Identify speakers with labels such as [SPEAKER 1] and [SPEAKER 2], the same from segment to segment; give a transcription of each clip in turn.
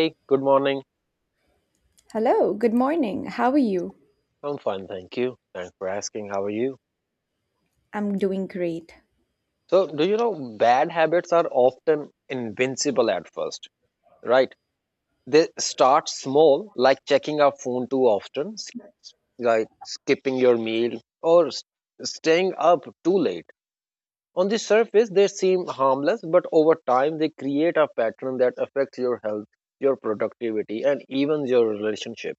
[SPEAKER 1] Hey, good morning.
[SPEAKER 2] Hello, good morning. How are you?
[SPEAKER 1] I'm fine, thank you. Thanks for asking. How are you?
[SPEAKER 2] I'm doing great.
[SPEAKER 1] So, do you know bad habits are often invincible at first, right? They start small, like checking our phone too often, like skipping your meal, or staying up too late. On the surface, they seem harmless, but over time, they create a pattern that affects your health, your productivity, and even your relationship.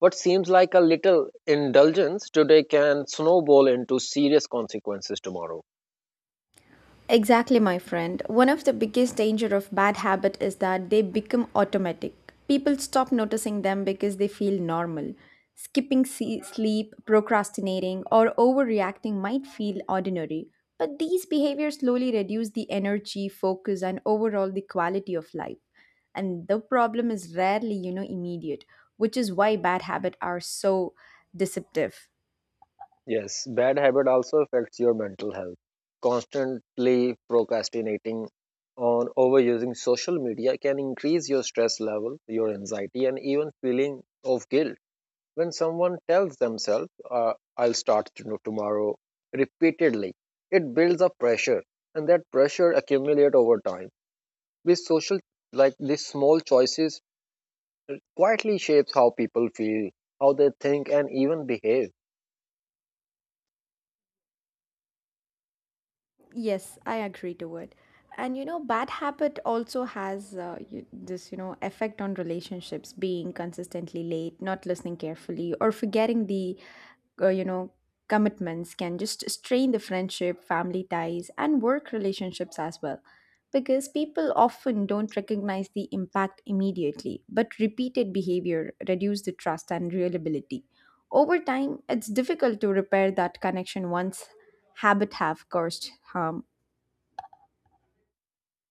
[SPEAKER 1] What seems like a little indulgence today can snowball into serious consequences tomorrow.
[SPEAKER 2] Exactly, my friend. One of the biggest danger of bad habit is that they become automatic. People stop noticing them because they feel normal. Skipping sleep, procrastinating, or overreacting might feel ordinary, but these behaviors slowly reduce the energy, focus, and overall the quality of life. And the problem is rarely, you know, immediate, which is why bad habits are so deceptive.
[SPEAKER 1] Yes, bad habit also affects your mental health. Constantly procrastinating on overusing social media can increase your stress level, your anxiety, and even feeling of guilt. When someone tells themselves, tomorrow, repeatedly, it builds up pressure, and that pressure accumulates over time. These social, like these small choices quietly shapes how people feel, how they think, and even behave.
[SPEAKER 2] Yes, I agree to it. And you know, bad habit also has you, this, you know, effect on relationships, being consistently late, not listening carefully, or forgetting the, uh, you know, commitments can just strain the friendship, family ties, and work relationships as well. Because people often don't recognize the impact immediately, but repeated behavior reduce the trust and reliability. Over time, it's difficult to repair that connection once habit have caused harm.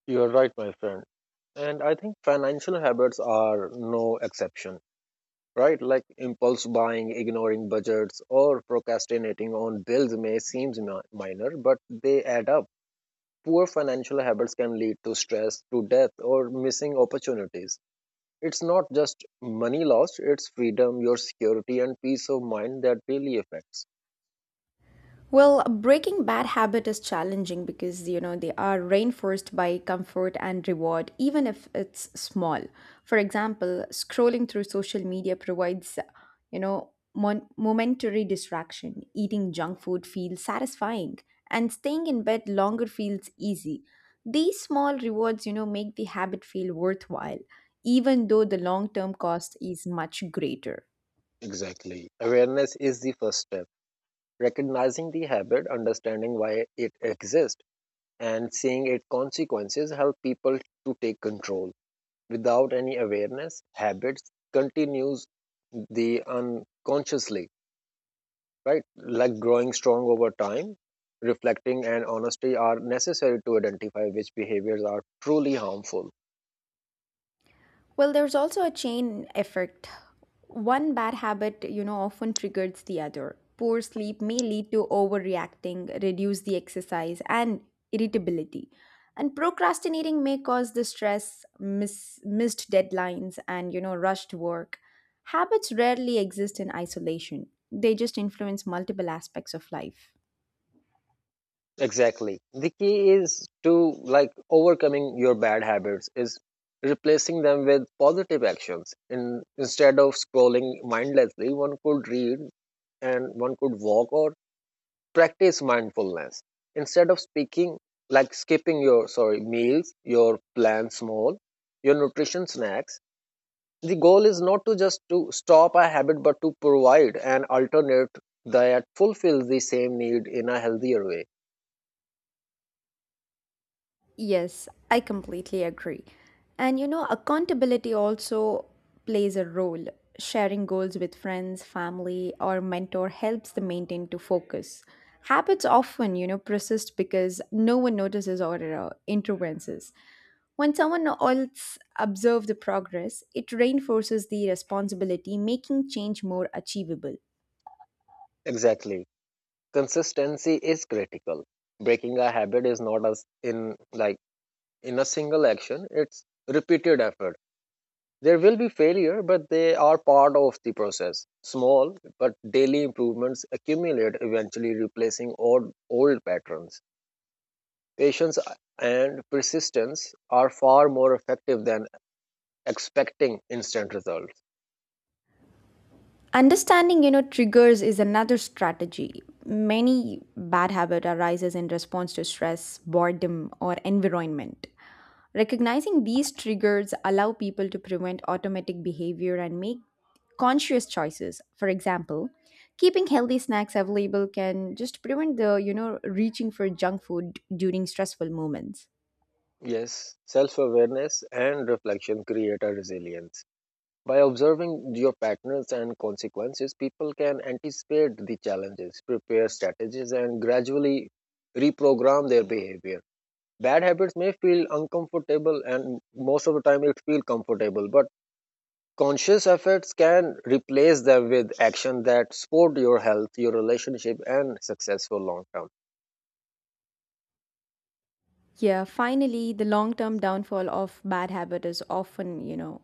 [SPEAKER 1] You're right, my friend. And I think financial habits are no exception, right? Like impulse buying, ignoring budgets, or procrastinating on bills may seem minor, but they add up. Poor financial habits can lead to stress, to death, or missing opportunities. It's not just money lost, it's freedom, your security, and peace of mind that really affects.
[SPEAKER 2] Well, breaking bad habit is challenging because you know they are reinforced by comfort and reward, even if it's small. For example, scrolling through social media provides, you know, momentary distraction. Eating junk food feels satisfying, and staying in bed longer feels easy. These small rewards, you know, make the habit feel worthwhile, even though the long-term cost is much greater.
[SPEAKER 1] Exactly. Awareness is the first step. Recognizing the habit, understanding why it exists, and seeing its consequences help people to take control. Without any awareness, habits continues the unconsciously, right? Like growing strong over time, reflecting and honesty are necessary to identify which behaviors are truly harmful.
[SPEAKER 2] Well, there's also a chain effect. One bad habit, you know, often triggers the other. Poor sleep may lead to overreacting, reduce the exercise, and irritability. And procrastinating may cause the stress, missed deadlines, and, you know, rushed work. Habits rarely exist in isolation, they just influence multiple aspects of life.
[SPEAKER 1] Exactly. The key is to like overcoming your bad habits is replacing them with positive actions. In instead of scrolling mindlessly, one could read and one could walk or practice mindfulness. Instead of speaking like skipping your sorry meals, your plan small, your nutrition snacks. The goal is not to just to stop a habit but to provide an alternate that fulfills the same need in a healthier way.
[SPEAKER 2] Yes, I completely agree. And you know, accountability also plays a role. Sharing goals with friends, family, or mentor helps the maintain to focus. Habits often, you know, persist because no one notices or intervenes. When someone else observes the progress, it reinforces the responsibility, making change more achievable.
[SPEAKER 1] Exactly, consistency is critical. Breaking a habit is not as in like in a single action, it's repeated effort. There will be failure, but they are part of the process. Small but daily improvements accumulate, eventually replacing old patterns. Patience and persistence are far more effective than expecting instant results.
[SPEAKER 2] Understanding, you know, triggers is another strategy. Many bad habit arises in response to stress, boredom, or environment. Recognizing these triggers allow people to prevent automatic behavior and make conscious choices. For example, keeping healthy snacks available can just prevent the, you know, reaching for junk food during stressful moments.
[SPEAKER 1] Yes, self awareness and reflection create a resilience. By observing your patterns and consequences, people can anticipate the challenges, prepare strategies, and gradually reprogram their behavior. Bad habits may feel uncomfortable, and most of the time it feels comfortable, but conscious efforts can replace them with action that support your health, your relationship, and successful long term.
[SPEAKER 2] Yeah, finally, the long term downfall of bad habit is often, you know,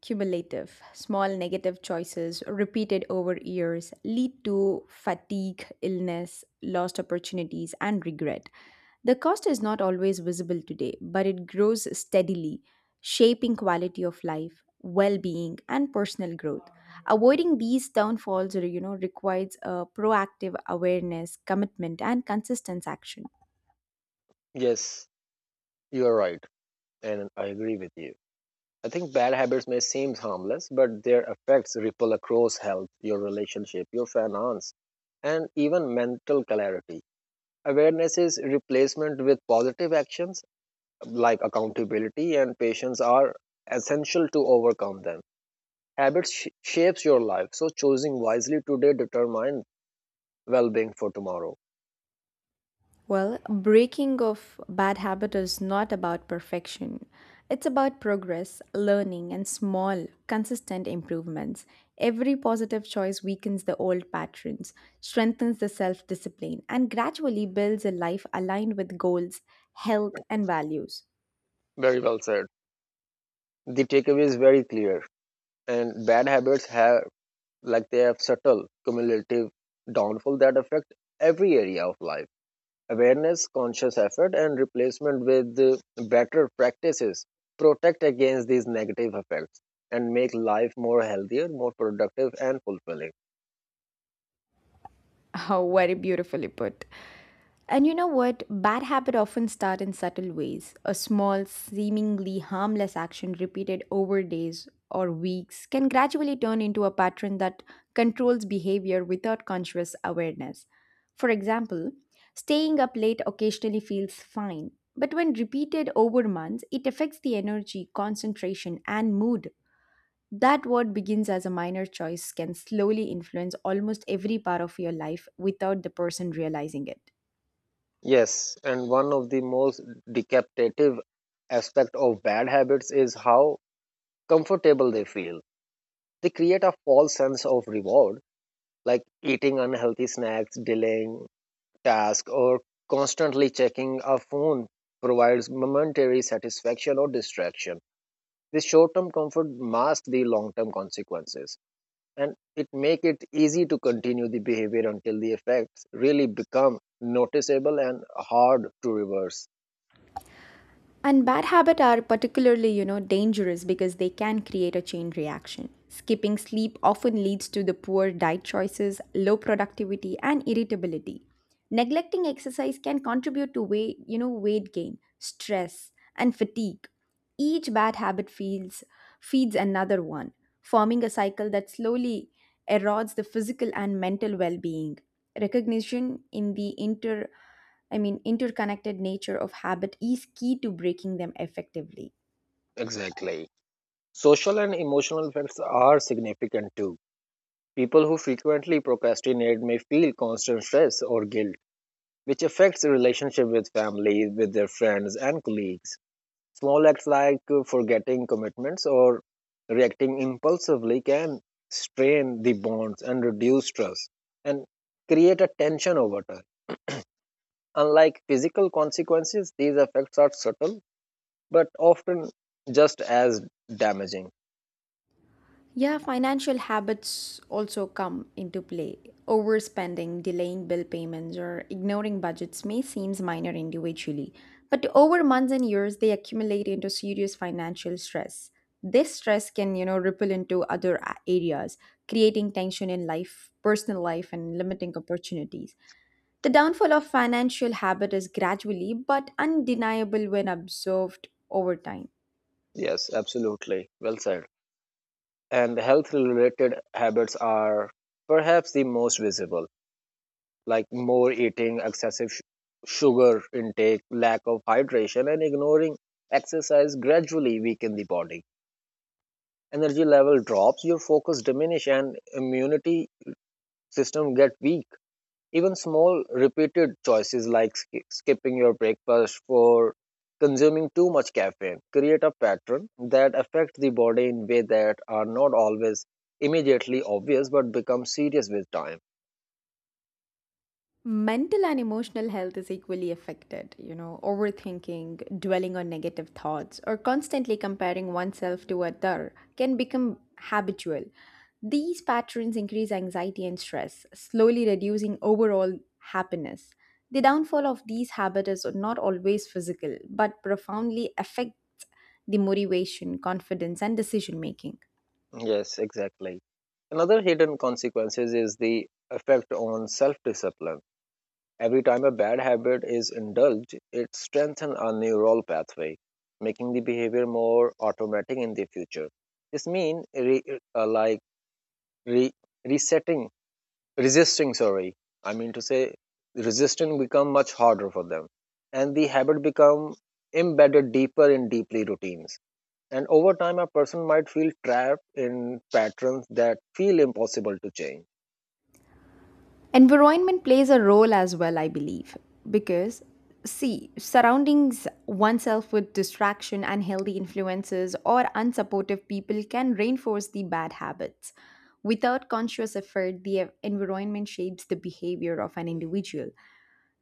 [SPEAKER 2] cumulative. Small negative choices repeated over years lead to fatigue, illness, lost opportunities, and regret. The cost is not always visible today, but it grows steadily, shaping quality of life, well being, and personal growth. Avoiding these downfalls, you know, requires a proactive awareness, commitment, and consistent action.
[SPEAKER 1] Yes, you are right, and I agree with you. I think bad habits may seem harmless, but their effects ripple across health, your relationship, your finance, and even mental clarity. Awareness is replacement with positive actions like accountability and patience are essential to overcome them. Habits shapes your life, so choosing wisely today determines well-being for tomorrow.
[SPEAKER 2] Well, breaking of bad habit is not about perfection. It's about progress, learning, and small, consistent improvements. Every positive choice weakens the old patterns, strengthens the self discipline, and gradually builds a life aligned with goals, health, and values.
[SPEAKER 1] Very well said. The takeaway is very clear, and bad habits have like they have subtle cumulative downfall that affect every area of life. Awareness, conscious effort, and replacement with better practices protect against these negative effects and make life more healthier, more productive, and fulfilling.
[SPEAKER 2] How very beautifully put. And you know what? Bad habits often start in subtle ways. A small, seemingly harmless action repeated over days or weeks can gradually turn into a pattern that controls behavior without conscious awareness. For example, staying up late occasionally feels fine, but when repeated over months, it affects the energy, concentration, and mood. That what begins as a minor choice can slowly influence almost every part of your life without the person realizing it.
[SPEAKER 1] Yes, and one of the most decapitative aspect of bad habits is how comfortable they feel. They create a false sense of reward, like eating unhealthy snacks, delaying task, or constantly checking a phone provides momentary satisfaction or distraction. This short term comfort masks the long term consequences, and it makes it easy to continue the behavior until the effects really become noticeable and hard to reverse.
[SPEAKER 2] And bad habits are particularly, you know, dangerous because they can create a chain reaction. Skipping sleep often leads to the poor diet choices, low productivity, and irritability. Neglecting exercise can contribute to weight, you know, weight gain, stress, and fatigue. Each bad habit feeds another one, forming a cycle that slowly erodes the physical and mental well-being. Recognition in the inter Interconnected nature of habit is key to breaking them effectively.
[SPEAKER 1] Exactly. Social and emotional effects are significant too. People who frequently procrastinate may feel constant stress or guilt, which affects relationship with family, with their friends and colleagues. Small acts like forgetting commitments or reacting impulsively can strain the bonds and reduce trust and create a tension over time. Unlike physical consequences, these effects are subtle but often just as damaging.
[SPEAKER 2] Yeah, financial habits also come into play. Overspending, delaying bill payments, or ignoring budgets may seem minor individually, but over months and years, they accumulate into serious financial stress. This stress can, you know, ripple into other areas, creating tension in life, personal life, and limiting opportunities. The downfall of financial habit is gradually but undeniable when observed over time.
[SPEAKER 1] Yes, absolutely. Well said. And health related habits are perhaps the most visible, like more eating, excessive sugar intake, lack of hydration, and ignoring exercise gradually weaken the body. Energy level drops, your focus diminish, and immunity system get weak. Even small repeated choices like skipping your breakfast for consuming too much caffeine create a pattern that affect the body in way that are not always immediately obvious but become serious with time.
[SPEAKER 2] Mental and emotional health is equally affected. You know, overthinking, dwelling on negative thoughts, or constantly comparing oneself to other can become habitual. These patterns increase anxiety and stress, slowly reducing overall happiness. The downfall of these habits is not always physical, but profoundly affects the motivation, confidence, and decision making.
[SPEAKER 1] Yes, exactly. Another hidden consequences is the effect on self-discipline. Every time a bad habit is indulged, it strengthens a neural pathway, making the behavior more automatic in the future. This means re, like re, resetting, resisting. Sorry, I mean to say resisting become much harder for them, and the habit become embedded deeper in deeply routines. And over time, a person might feel trapped in patterns that feel impossible to change.
[SPEAKER 2] Environment plays a role as well, I believe, because see, surroundings oneself with distraction, unhealthy influences, or unsupportive people can reinforce the bad habits. Without conscious effort, the environment shapes the behavior of an individual.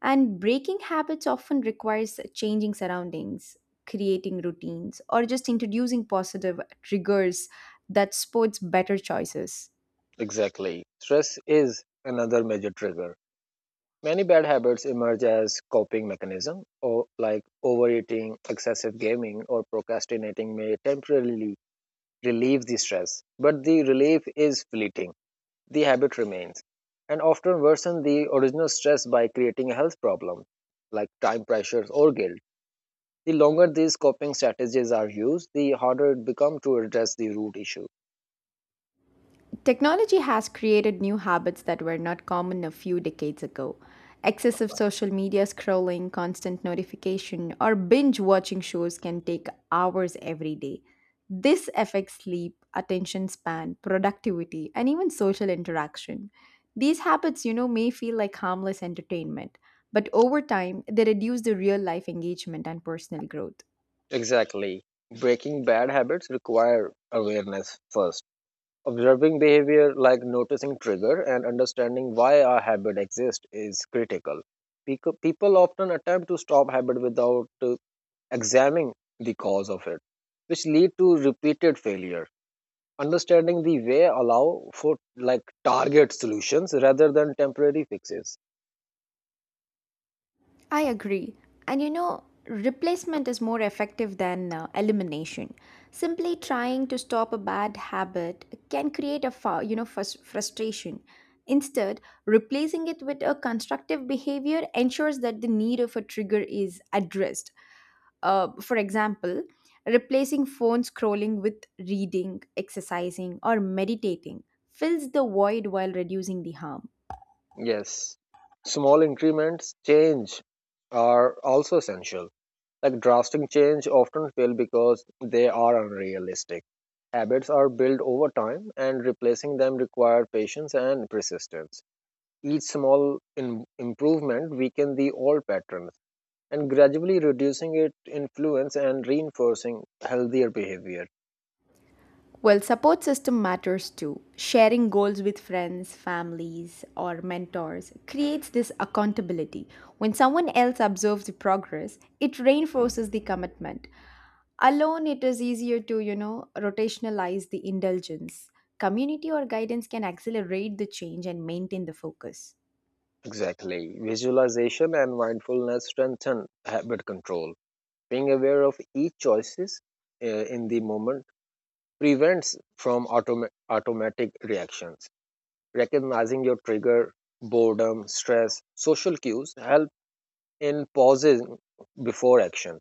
[SPEAKER 2] And breaking habits often requires changing surroundings, creating routines, or just introducing positive triggers that supports better choices.
[SPEAKER 1] Exactly. Stress is another major trigger. Many bad habits emerge as coping mechanism or like overeating, excessive gaming or procrastinating may temporarily relieve the stress, but the relief is fleeting. The habit remains and often worsen the original stress by creating a health problem like time pressures or guilt. The longer these coping strategies are used, the harder it becomes to address the root issue.
[SPEAKER 2] Technology has created new habits that were not common a few decades ago. Excessive social media scrolling, constant notification, or binge watching shows can take hours every day. This affects sleep, attention span, productivity, and even social interaction. These habits, you know, may feel like harmless entertainment, but over time, they reduce the real life engagement and personal growth.
[SPEAKER 1] Exactly. Breaking bad habits require awareness first. Observing behavior like noticing trigger and understanding why our habit exists is critical. People often attempt to stop habit without examining the cause of it, which lead to repeated failure. Understanding the way allow for like target solutions rather than temporary fixes.
[SPEAKER 2] I agree. And you know, replacement is more effective than elimination. Simply trying to stop a bad habit can create a you know frustration. Instead, replacing it with a constructive behavior ensures that the need of a trigger is addressed. For example, replacing phone scrolling with reading, exercising, or meditating fills the void while reducing the harm.
[SPEAKER 1] Yes, small increments change are also essential. Like drastic change often fail because they are unrealistic. Habits are built over time, and replacing them require patience and persistence. Each small improvement weakens the old patterns, and gradually reducing its influence and reinforcing healthier behavior.
[SPEAKER 2] Well, support system matters too. Sharing goals with friends, families, or mentors creates this accountability. When someone else observes the progress, it reinforces the commitment. Alone, it is easier to, you know, rotationalize the indulgence. Community or guidance can accelerate the change and maintain the focus.
[SPEAKER 1] Exactly. Visualization and mindfulness strengthen habit control. Being aware of each choices in the moment prevents from automatic reactions. Recognizing your trigger, boredom, stress, social cues help in pausing before action,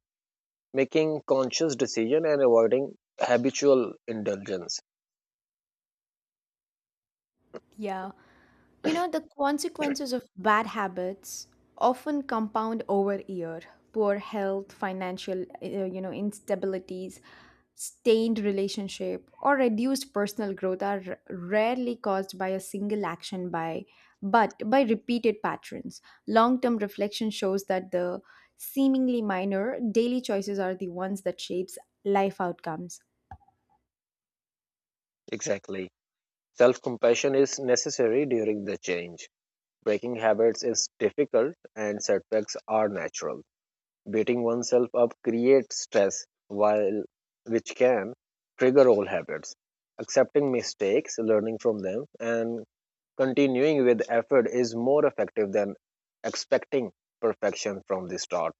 [SPEAKER 1] making conscious decision and avoiding habitual indulgence.
[SPEAKER 2] Yeah. You know, the consequences of bad habits often compound over year. Poor health, financial, you know, instabilities, stained relationship, or reduced personal growth are rarely caused by a single action by but by repeated patterns. Long-term reflection shows that the seemingly minor daily choices are the ones that shapes life outcomes.
[SPEAKER 1] Exactly. Self-compassion is necessary during the change. Breaking habits is difficult, and setbacks are natural. Beating oneself up creates stress while which can trigger old habits. Accepting mistakes, learning from them, and continuing with effort is more effective than expecting perfection from the start.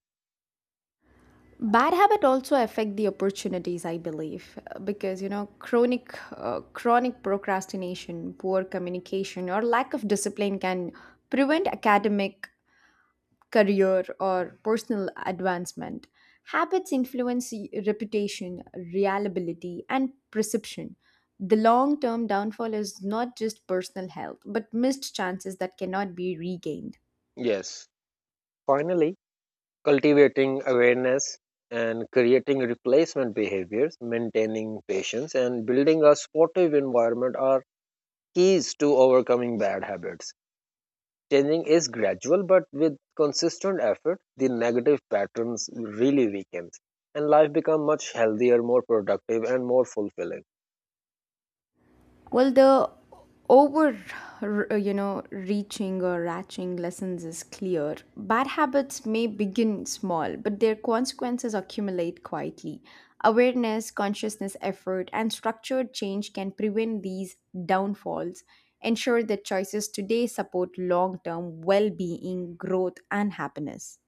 [SPEAKER 2] Bad habit also affect the opportunities, I believe, because you know chronic procrastination, poor communication, or lack of discipline can prevent academic, career, or personal advancement. Habits influence reputation, reliability, and perception. The long term downfall is not just personal health but missed chances that cannot be regained.
[SPEAKER 1] Yes. Finally, cultivating awareness and creating replacement behaviors, maintaining patience, and building a supportive environment are keys to overcoming bad habits. Changing is gradual, but with consistent effort, the negative patterns really weakens and life become much healthier, more productive, and more fulfilling.
[SPEAKER 2] Well, the over, you know, reaching or ratching lessons is clear. Bad habits may begin small, but their consequences accumulate quietly. Awareness, consciousness, effort, and structured change can prevent these downfalls. Ensure that choices today support long term well being, growth, and happiness.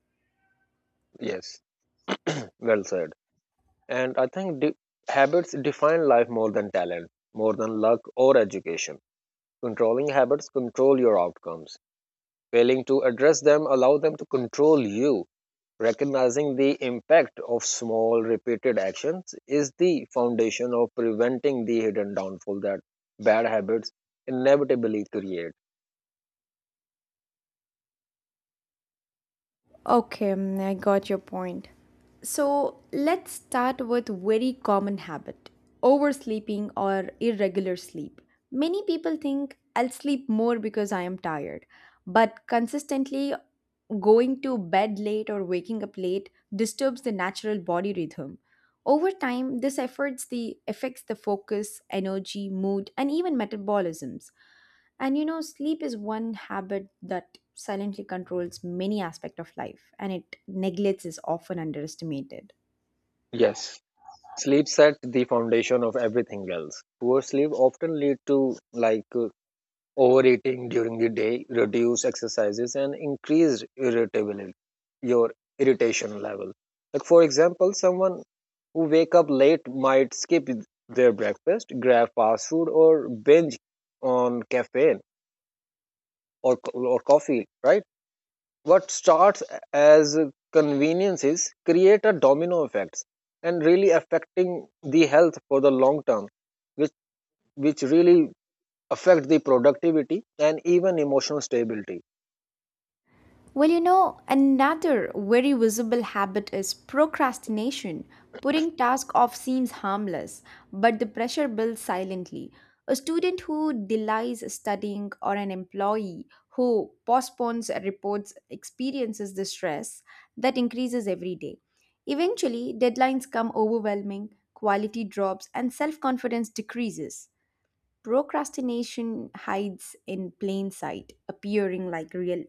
[SPEAKER 1] Yes, well said. And I think habits define life more than talent, more than luck or education. Controlling habits control your outcomes. Failing to address them allow them to control you. Recognizing the impact of small repeated actions is the foundation of preventing the hidden downfall that bad habits inevitably create.
[SPEAKER 2] Okay, I got your point. So let's start with very common habit, oversleeping or irregular sleep. Many people think I'll sleep more because I am tired, but consistently going to bed late or waking up late disturbs the natural body rhythm. Over time, this affects the focus, energy, mood, and even metabolisms. And you know, sleep is one habit that silently controls many aspects of life and it neglects is often underestimated.
[SPEAKER 1] Yes. Sleep sets the foundation of everything else. Poor sleep often lead to like overeating during the day, reduced exercises, and increased irritability, your irritation level. Like for example, someone who wake up late might skip their breakfast, grab fast food, or binge on caffeine or, or coffee, right? What starts as conveniences create a domino effect and really affecting the health for the long term, which, which really affect the productivity and even emotional stability.
[SPEAKER 2] Well, you know, another very visible habit is procrastination. Putting tasks off seems harmless, but the pressure builds silently. A student who delays studying or an employee who postpones reports experiences the stress that increases every day. Eventually, deadlines come overwhelming, quality drops, and self confidence decreases. Procrastination hides in plain sight, appearing like real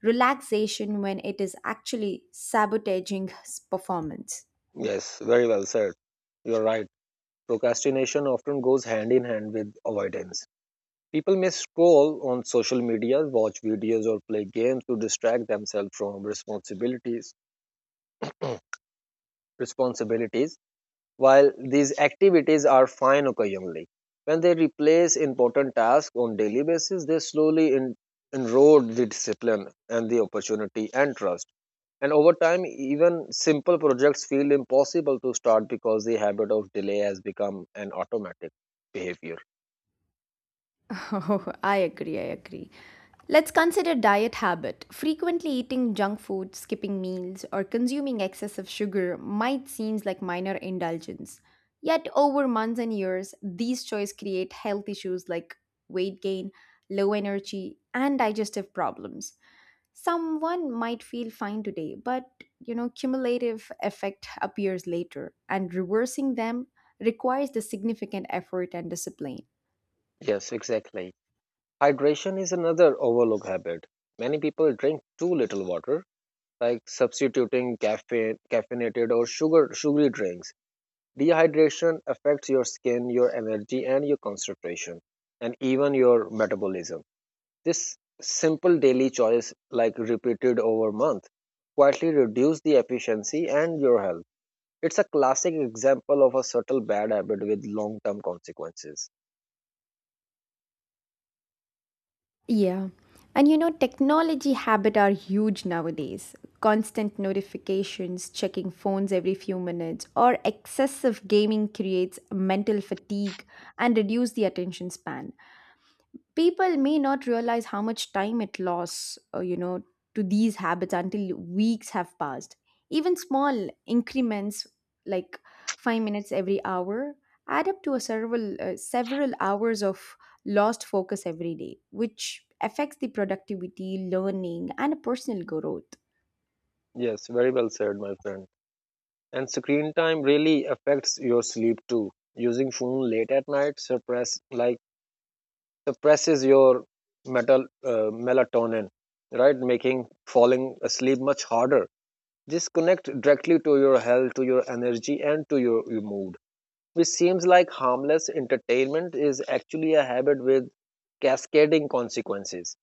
[SPEAKER 2] relaxation when it is actually sabotaging performance.
[SPEAKER 1] Yes, very well said. You're right. Procrastination often goes hand in hand with avoidance. People may scroll on social media, watch videos, or play games to distract themselves from responsibilities. Responsibilities. While these activities are fine occasionally, when they replace important tasks on daily basis, they slowly erode the discipline and the opportunity and trust. And over time, even simple projects feel impossible to start because the habit of delay has become an automatic behavior.
[SPEAKER 2] Oh, I agree. Let's consider diet habit. Frequently eating junk food, skipping meals, or consuming excessive sugar might seem like minor indulgence. Yet over months and years, these choices create health issues like weight gain, low energy, and digestive problems. Someone might feel fine today, but you know, cumulative effect appears later, and reversing them requires the significant effort and discipline.
[SPEAKER 1] Yes, exactly. Hydration is another overlooked habit. Many people drink too little water, like substituting caffeine, caffeinated or sugary drinks. Dehydration affects your skin, your energy, and your concentration, and even your metabolism. This simple daily choice, like repeated over month, quietly reduce the efficiency and your health. It's a classic example of a subtle bad habit with long-term consequences.
[SPEAKER 2] Yeah. And you know, technology habit are huge nowadays. Constant notifications, checking phones every few minutes, or excessive gaming creates mental fatigue and reduce the attention span. People may not realize how much time it lost, you know, to these habits until weeks have passed. Even small increments like 5 minutes every hour add up to a several several hours of lost focus every day, which affects the productivity, learning, and personal growth.
[SPEAKER 1] Yes, very well said, my friend. And screen time really affects your sleep too. Using phone late at night suppress like suppresses your metal melatonin, right? Making falling asleep much harder. This connects directly to your health, to your energy, and to your mood. Which seems like harmless entertainment is actually a habit with cascading consequences,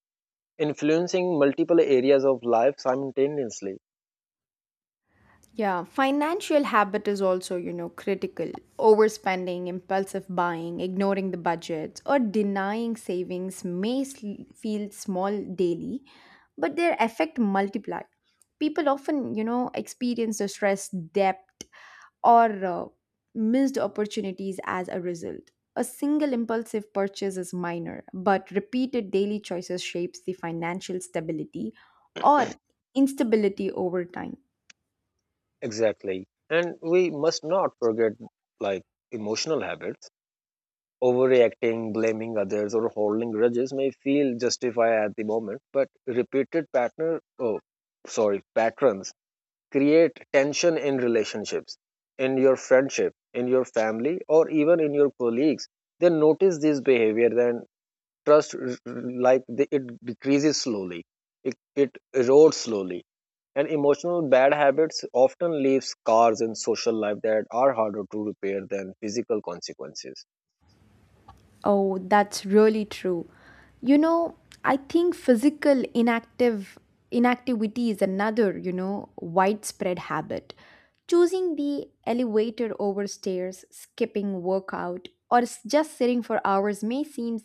[SPEAKER 1] influencing multiple areas of life simultaneously.
[SPEAKER 2] Yeah, financial habit is also, you know, critical. Overspending, impulsive buying, ignoring the budgets, or denying savings may feel small daily, but their effect multiply. People often, you know, experience the stress, debt, or missed opportunities as a result. A single impulsive purchase is minor, but repeated daily choices shapes the financial stability or instability over time.
[SPEAKER 1] Exactly. And we must not forget like emotional habits. Overreacting, blaming others, or holding grudges may feel justified at the moment, but repeated patterns create tension in relationships, in your friendship, in your family, or even in your colleagues. They notice this behavior then trust r- r- like the, it decreases slowly. It erodes slowly, and emotional bad habits often leave scars in social life that are harder to repair than physical consequences.
[SPEAKER 2] Oh, that's really true. You know, I think physical inactive inactivity is another, you know, widespread habit. Choosing the elevator over stairs, skipping workout, or just sitting for hours may seem,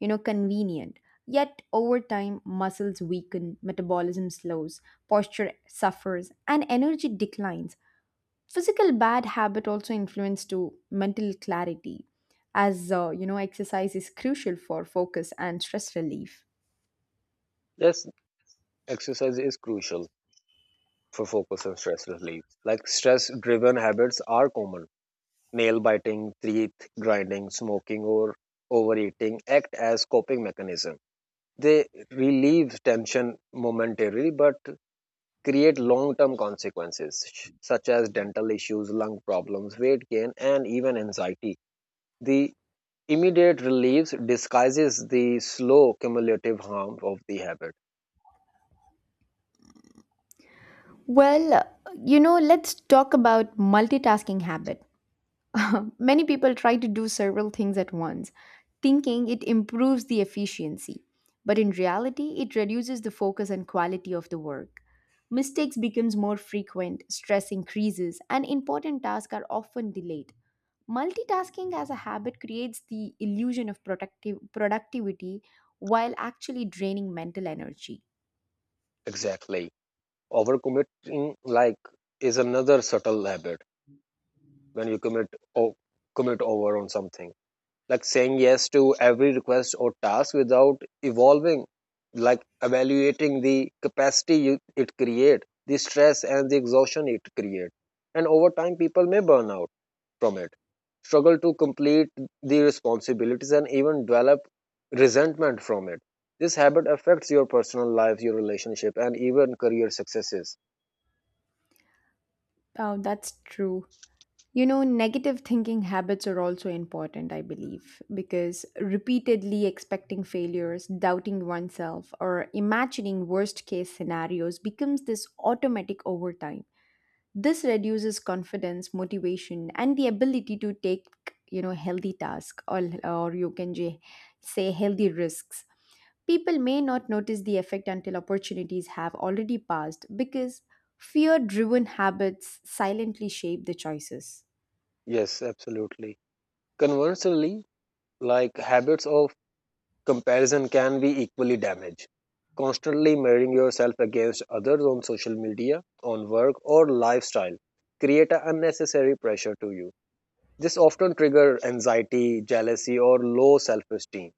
[SPEAKER 2] you know, convenient. Yet over time, muscles weaken, metabolism slows, posture suffers, and energy declines. Physical bad habit also influence to mental clarity as exercise is crucial for focus and stress relief.
[SPEAKER 1] Yes, exercise is crucial for focus and stress relief. Like, stress driven habits are common. Nail biting, teeth grinding, smoking, or overeating act as coping mechanism. They relieve tension momentarily but create long term consequences such as dental issues, lung problems, weight gain, and even anxiety. The immediate relief disguises the slow cumulative harm of the habit.
[SPEAKER 2] Well, let's talk about multitasking habit. Many people try to do several things at once, thinking it improves the efficiency. But in reality, it reduces the focus and quality of the work. Mistakes becomes more frequent, stress increases, and important tasks are often delayed. Multitasking as a habit creates the illusion of productive productivity while actually draining mental energy.
[SPEAKER 1] Exactly. Overcommitting, like, is another subtle habit when you commit or commit over on something. Like saying yes to every request or task without evolving, like evaluating the capacity you, it create, the stress and the exhaustion it create. And over time people may burn out from it, struggle to complete the responsibilities, and even develop resentment from it. This habit affects your personal life, your relationship, and even career successes.
[SPEAKER 2] Oh, that's true. You know, negative thinking habits are also important, I believe, because repeatedly expecting failures, doubting oneself, or imagining worst case scenarios becomes this automatic over time. This reduces confidence, motivation, and the ability to take, you know, healthy tasks or you can say healthy risks. People may not notice the effect until opportunities have already passed because fear driven habits silently shape the choices.
[SPEAKER 1] Yes, absolutely. Conversely, like, habits of comparison can be equally damaged. Constantly measuring yourself against others on social media, on work, or lifestyle create an unnecessary pressure to you. This often triggers anxiety, jealousy, or low self esteem.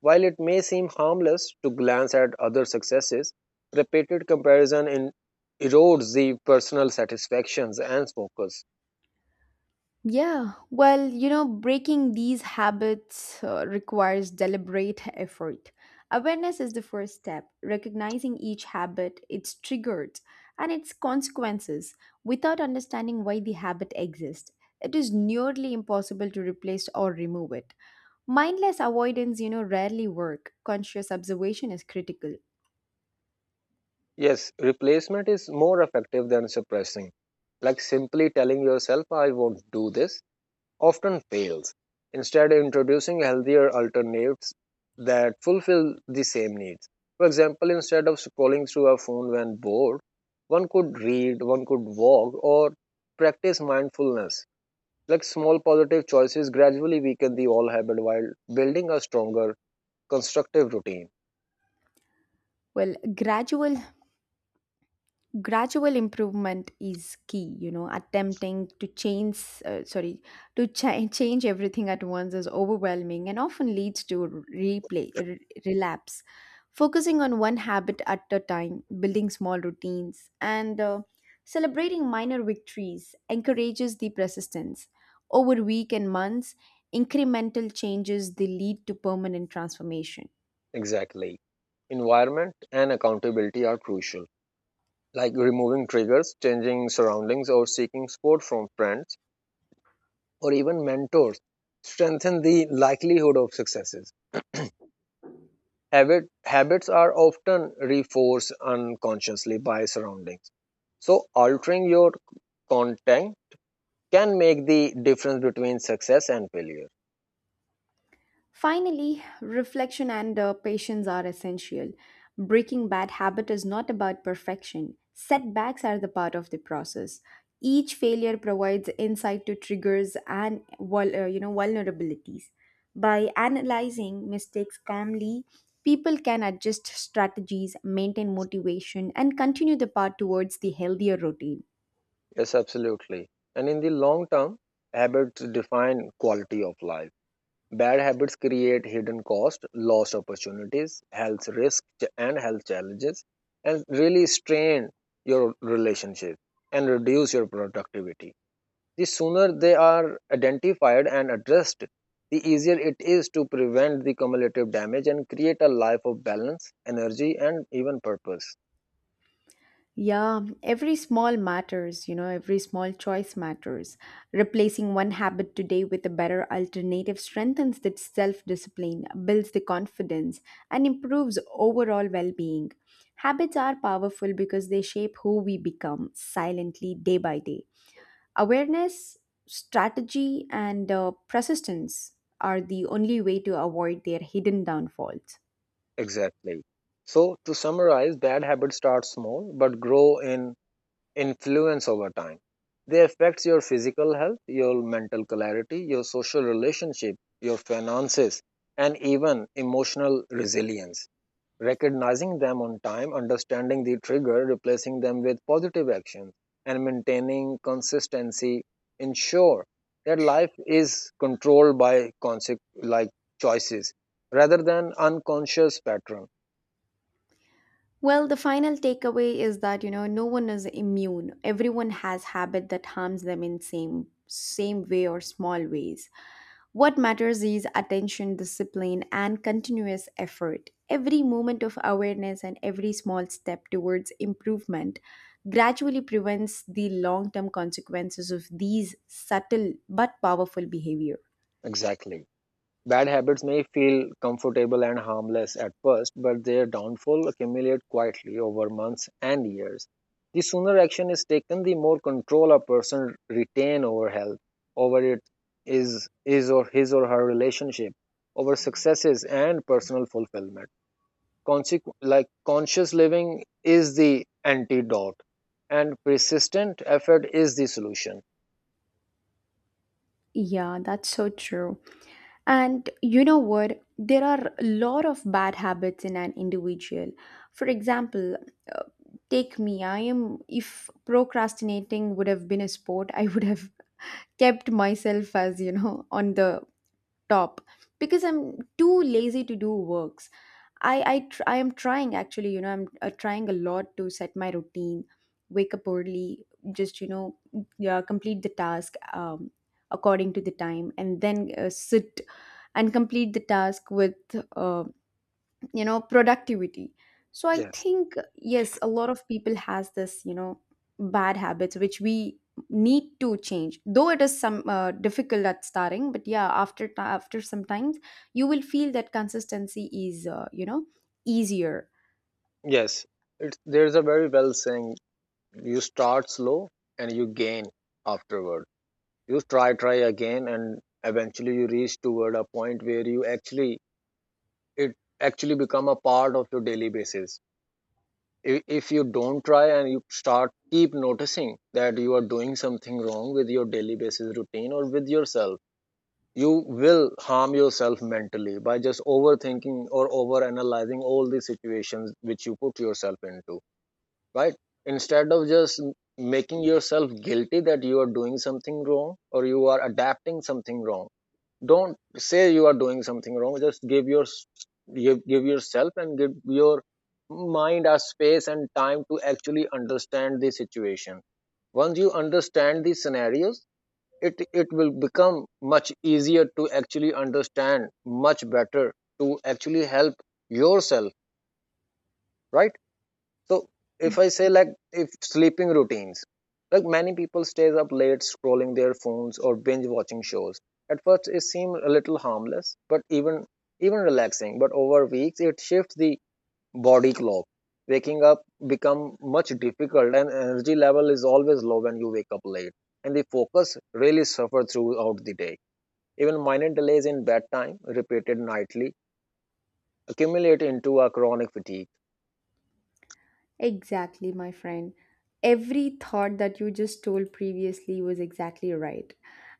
[SPEAKER 1] While it may seem harmless to glance at other successes, repeated comparison in erodes the personal satisfactions and focus.
[SPEAKER 2] Yeah, well, you know, breaking these habits requires deliberate effort. Awareness is the first step, recognizing each habit, its triggers, and its consequences without understanding why the habit exists. It is nearly impossible to replace or remove it. Mindless avoidance, you know, rarely work. Conscious observation is critical.
[SPEAKER 1] Yes, replacement is more effective than suppressing. Like simply telling yourself, I won't do this, often fails. Instead, introducing healthier alternatives that fulfill the same needs. For example, instead of scrolling through a phone when bored, one could read, one could walk, or practice mindfulness. Like small positive choices gradually weaken the old habit while building a stronger, constructive routine.
[SPEAKER 2] Well, gradual improvement is key. You know, attempting to change sorry, to change everything at once is overwhelming and often leads to relapse. Focusing on one habit at a time, building small routines, and celebrating minor victories encourages the persistence over week and months. Incremental changes, they lead to permanent transformation.
[SPEAKER 1] Exactly. Environment and accountability are crucial, like removing triggers, changing surroundings, or seeking support from friends or even mentors strengthen the likelihood of successes. Habits are often reinforced unconsciously by surroundings. So, altering your content can make the difference between success and failure.
[SPEAKER 2] Finally, reflection and patience are essential. Breaking bad habit is not about perfection. Setbacks are the part of the process. Each failure provides insight to triggers and vulnerabilities. By analyzing mistakes calmly, people can adjust strategies, maintain motivation, and continue the path towards the healthier routine.
[SPEAKER 1] Yes, absolutely. And in the long term, habits define quality of life. Bad habits create hidden cost, lost opportunities, health risks, and health challenges, and really strain your relationship and reduce your productivity. The sooner they are identified and addressed, the easier it is to prevent the cumulative damage and create a life of balance, energy, and even purpose.
[SPEAKER 2] Yeah, every small matters, you know, every small choice matters. Replacing one habit today with a better alternative strengthens the self discipline, builds the confidence, and improves overall well being. Habits are powerful because they shape who we become silently day by day. Awareness, strategy, and persistence are the only way to avoid their hidden downfalls.
[SPEAKER 1] Exactly. So, to summarize, bad habits start small but grow in influence over time. They affect your physical health, your mental clarity, your social relationship, your finances, and even emotional resilience. Recognizing them on time, understanding the trigger, replacing them with positive actions, and maintaining consistency ensure that life is controlled by choices rather than unconscious patterns.
[SPEAKER 2] Well, the final takeaway is that, you know, no one is immune. Everyone has habit that harms them in same way or small ways. What matters is attention, discipline, and continuous effort. Every moment of awareness and every small step towards improvement gradually prevents the long-term consequences of these subtle but powerful behavior.
[SPEAKER 1] Exactly. Bad habits may feel comfortable and harmless at first, but their downfall accumulate quietly over months and years. The sooner action is taken, the more control a person retain over health, over it is or his or her relationship, over successes and personal fulfillment. Conscious living is the antidote, and persistent effort is the solution.
[SPEAKER 2] Yeah, that's so true. And you know what? There are a lot of bad habits in an individual. For example, uh, take me. If procrastinating would have been a sport, I would have kept myself as, you know, on the top because I'm too lazy to do works. I am trying actually, you know, I'm trying a lot to set my routine, wake up early, just, you know, yeah, complete the task according to the time, and then sit and complete the task with uh, productivity. So I
[SPEAKER 1] Yes.
[SPEAKER 2] think, yes, a lot of people has this, you know, bad habits which we need to change. Though it is some difficult at starting, but yeah, after after some times you will feel that consistency is easier.
[SPEAKER 1] Yes. It's, there's a very well saying. You start slow and you gain afterward. You try, try again, and eventually you reach toward a point where you actually, it actually become a part of your daily basis. If you don't try and you start keep noticing that you are doing something wrong with your daily basis routine or with yourself, you will harm yourself mentally by just overthinking or over analyzing all the situations which you put yourself into, right, instead of just making yourself guilty that you are doing something wrong or you are adapting something wrong. Don't say you are doing something wrong. Just give your, give yourself and give your mind a space and time to actually understand the situation. Once you understand the scenarios, it it will become much easier to actually understand, much better to actually help yourself, right? So if I say, like, if sleeping routines, like many people stays up late scrolling their phones or binge watching shows. At first it seems a little harmless, but even even relaxing. But over weeks it shifts the body clock. Waking up become much difficult and energy level is always low when you wake up late. And the focus really suffer throughout the day. Even minor delays in bedtime, repeated nightly, accumulate into a chronic fatigue.
[SPEAKER 2] Exactly, my friend. Every thought that you just told previously was exactly right.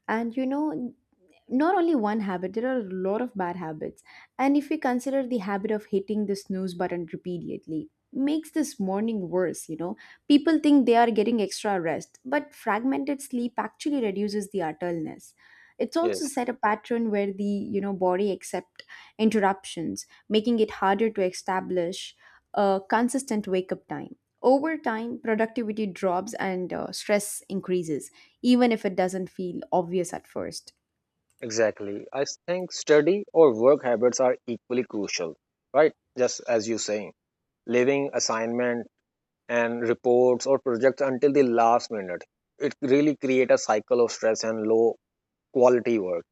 [SPEAKER 2] And you know, not only one habit, there are a lot of bad habits. And if we consider the habit of hitting the snooze button repeatedly, makes this morning worse, you know. People think they are getting extra rest, but fragmented sleep actually reduces the utterness. It's also
[SPEAKER 1] Yes.
[SPEAKER 2] set a pattern where the, you know, body accept interruptions, making it harder to establish a consistent wake up time. Over time, productivity drops and stress increases, even if it doesn't feel obvious at first.
[SPEAKER 1] Exactly. I think study or work habits are equally crucial, right? Just as you saying, leaving assignment and reports or projects until the last minute. It really create a cycle of stress and low quality work.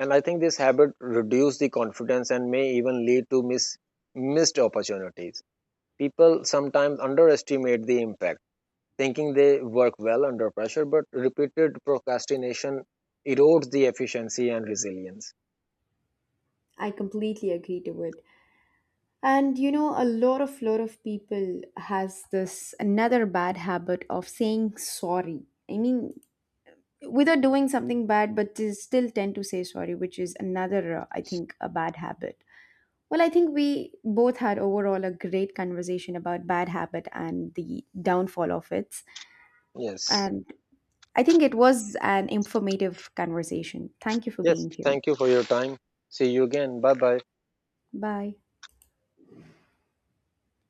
[SPEAKER 1] And I think this habit reduce the confidence and may even lead to missed opportunities. People sometimes underestimate the impact, thinking they work well under pressure, but repeated procrastination erodes the efficiency and resilience.
[SPEAKER 2] I completely agree to it. And you know, a lot of people has this another bad habit of saying sorry. I mean, without doing something bad, but they still tend to say sorry, which is another, I think, a bad habit. Well, I think we both had overall a great conversation about bad habit and the downfall of it.
[SPEAKER 1] Yes.
[SPEAKER 2] And I think it was an informative conversation. Thank you for
[SPEAKER 1] Yes,
[SPEAKER 2] being here.
[SPEAKER 1] thank you for your time. See you again. Bye bye.
[SPEAKER 2] Bye.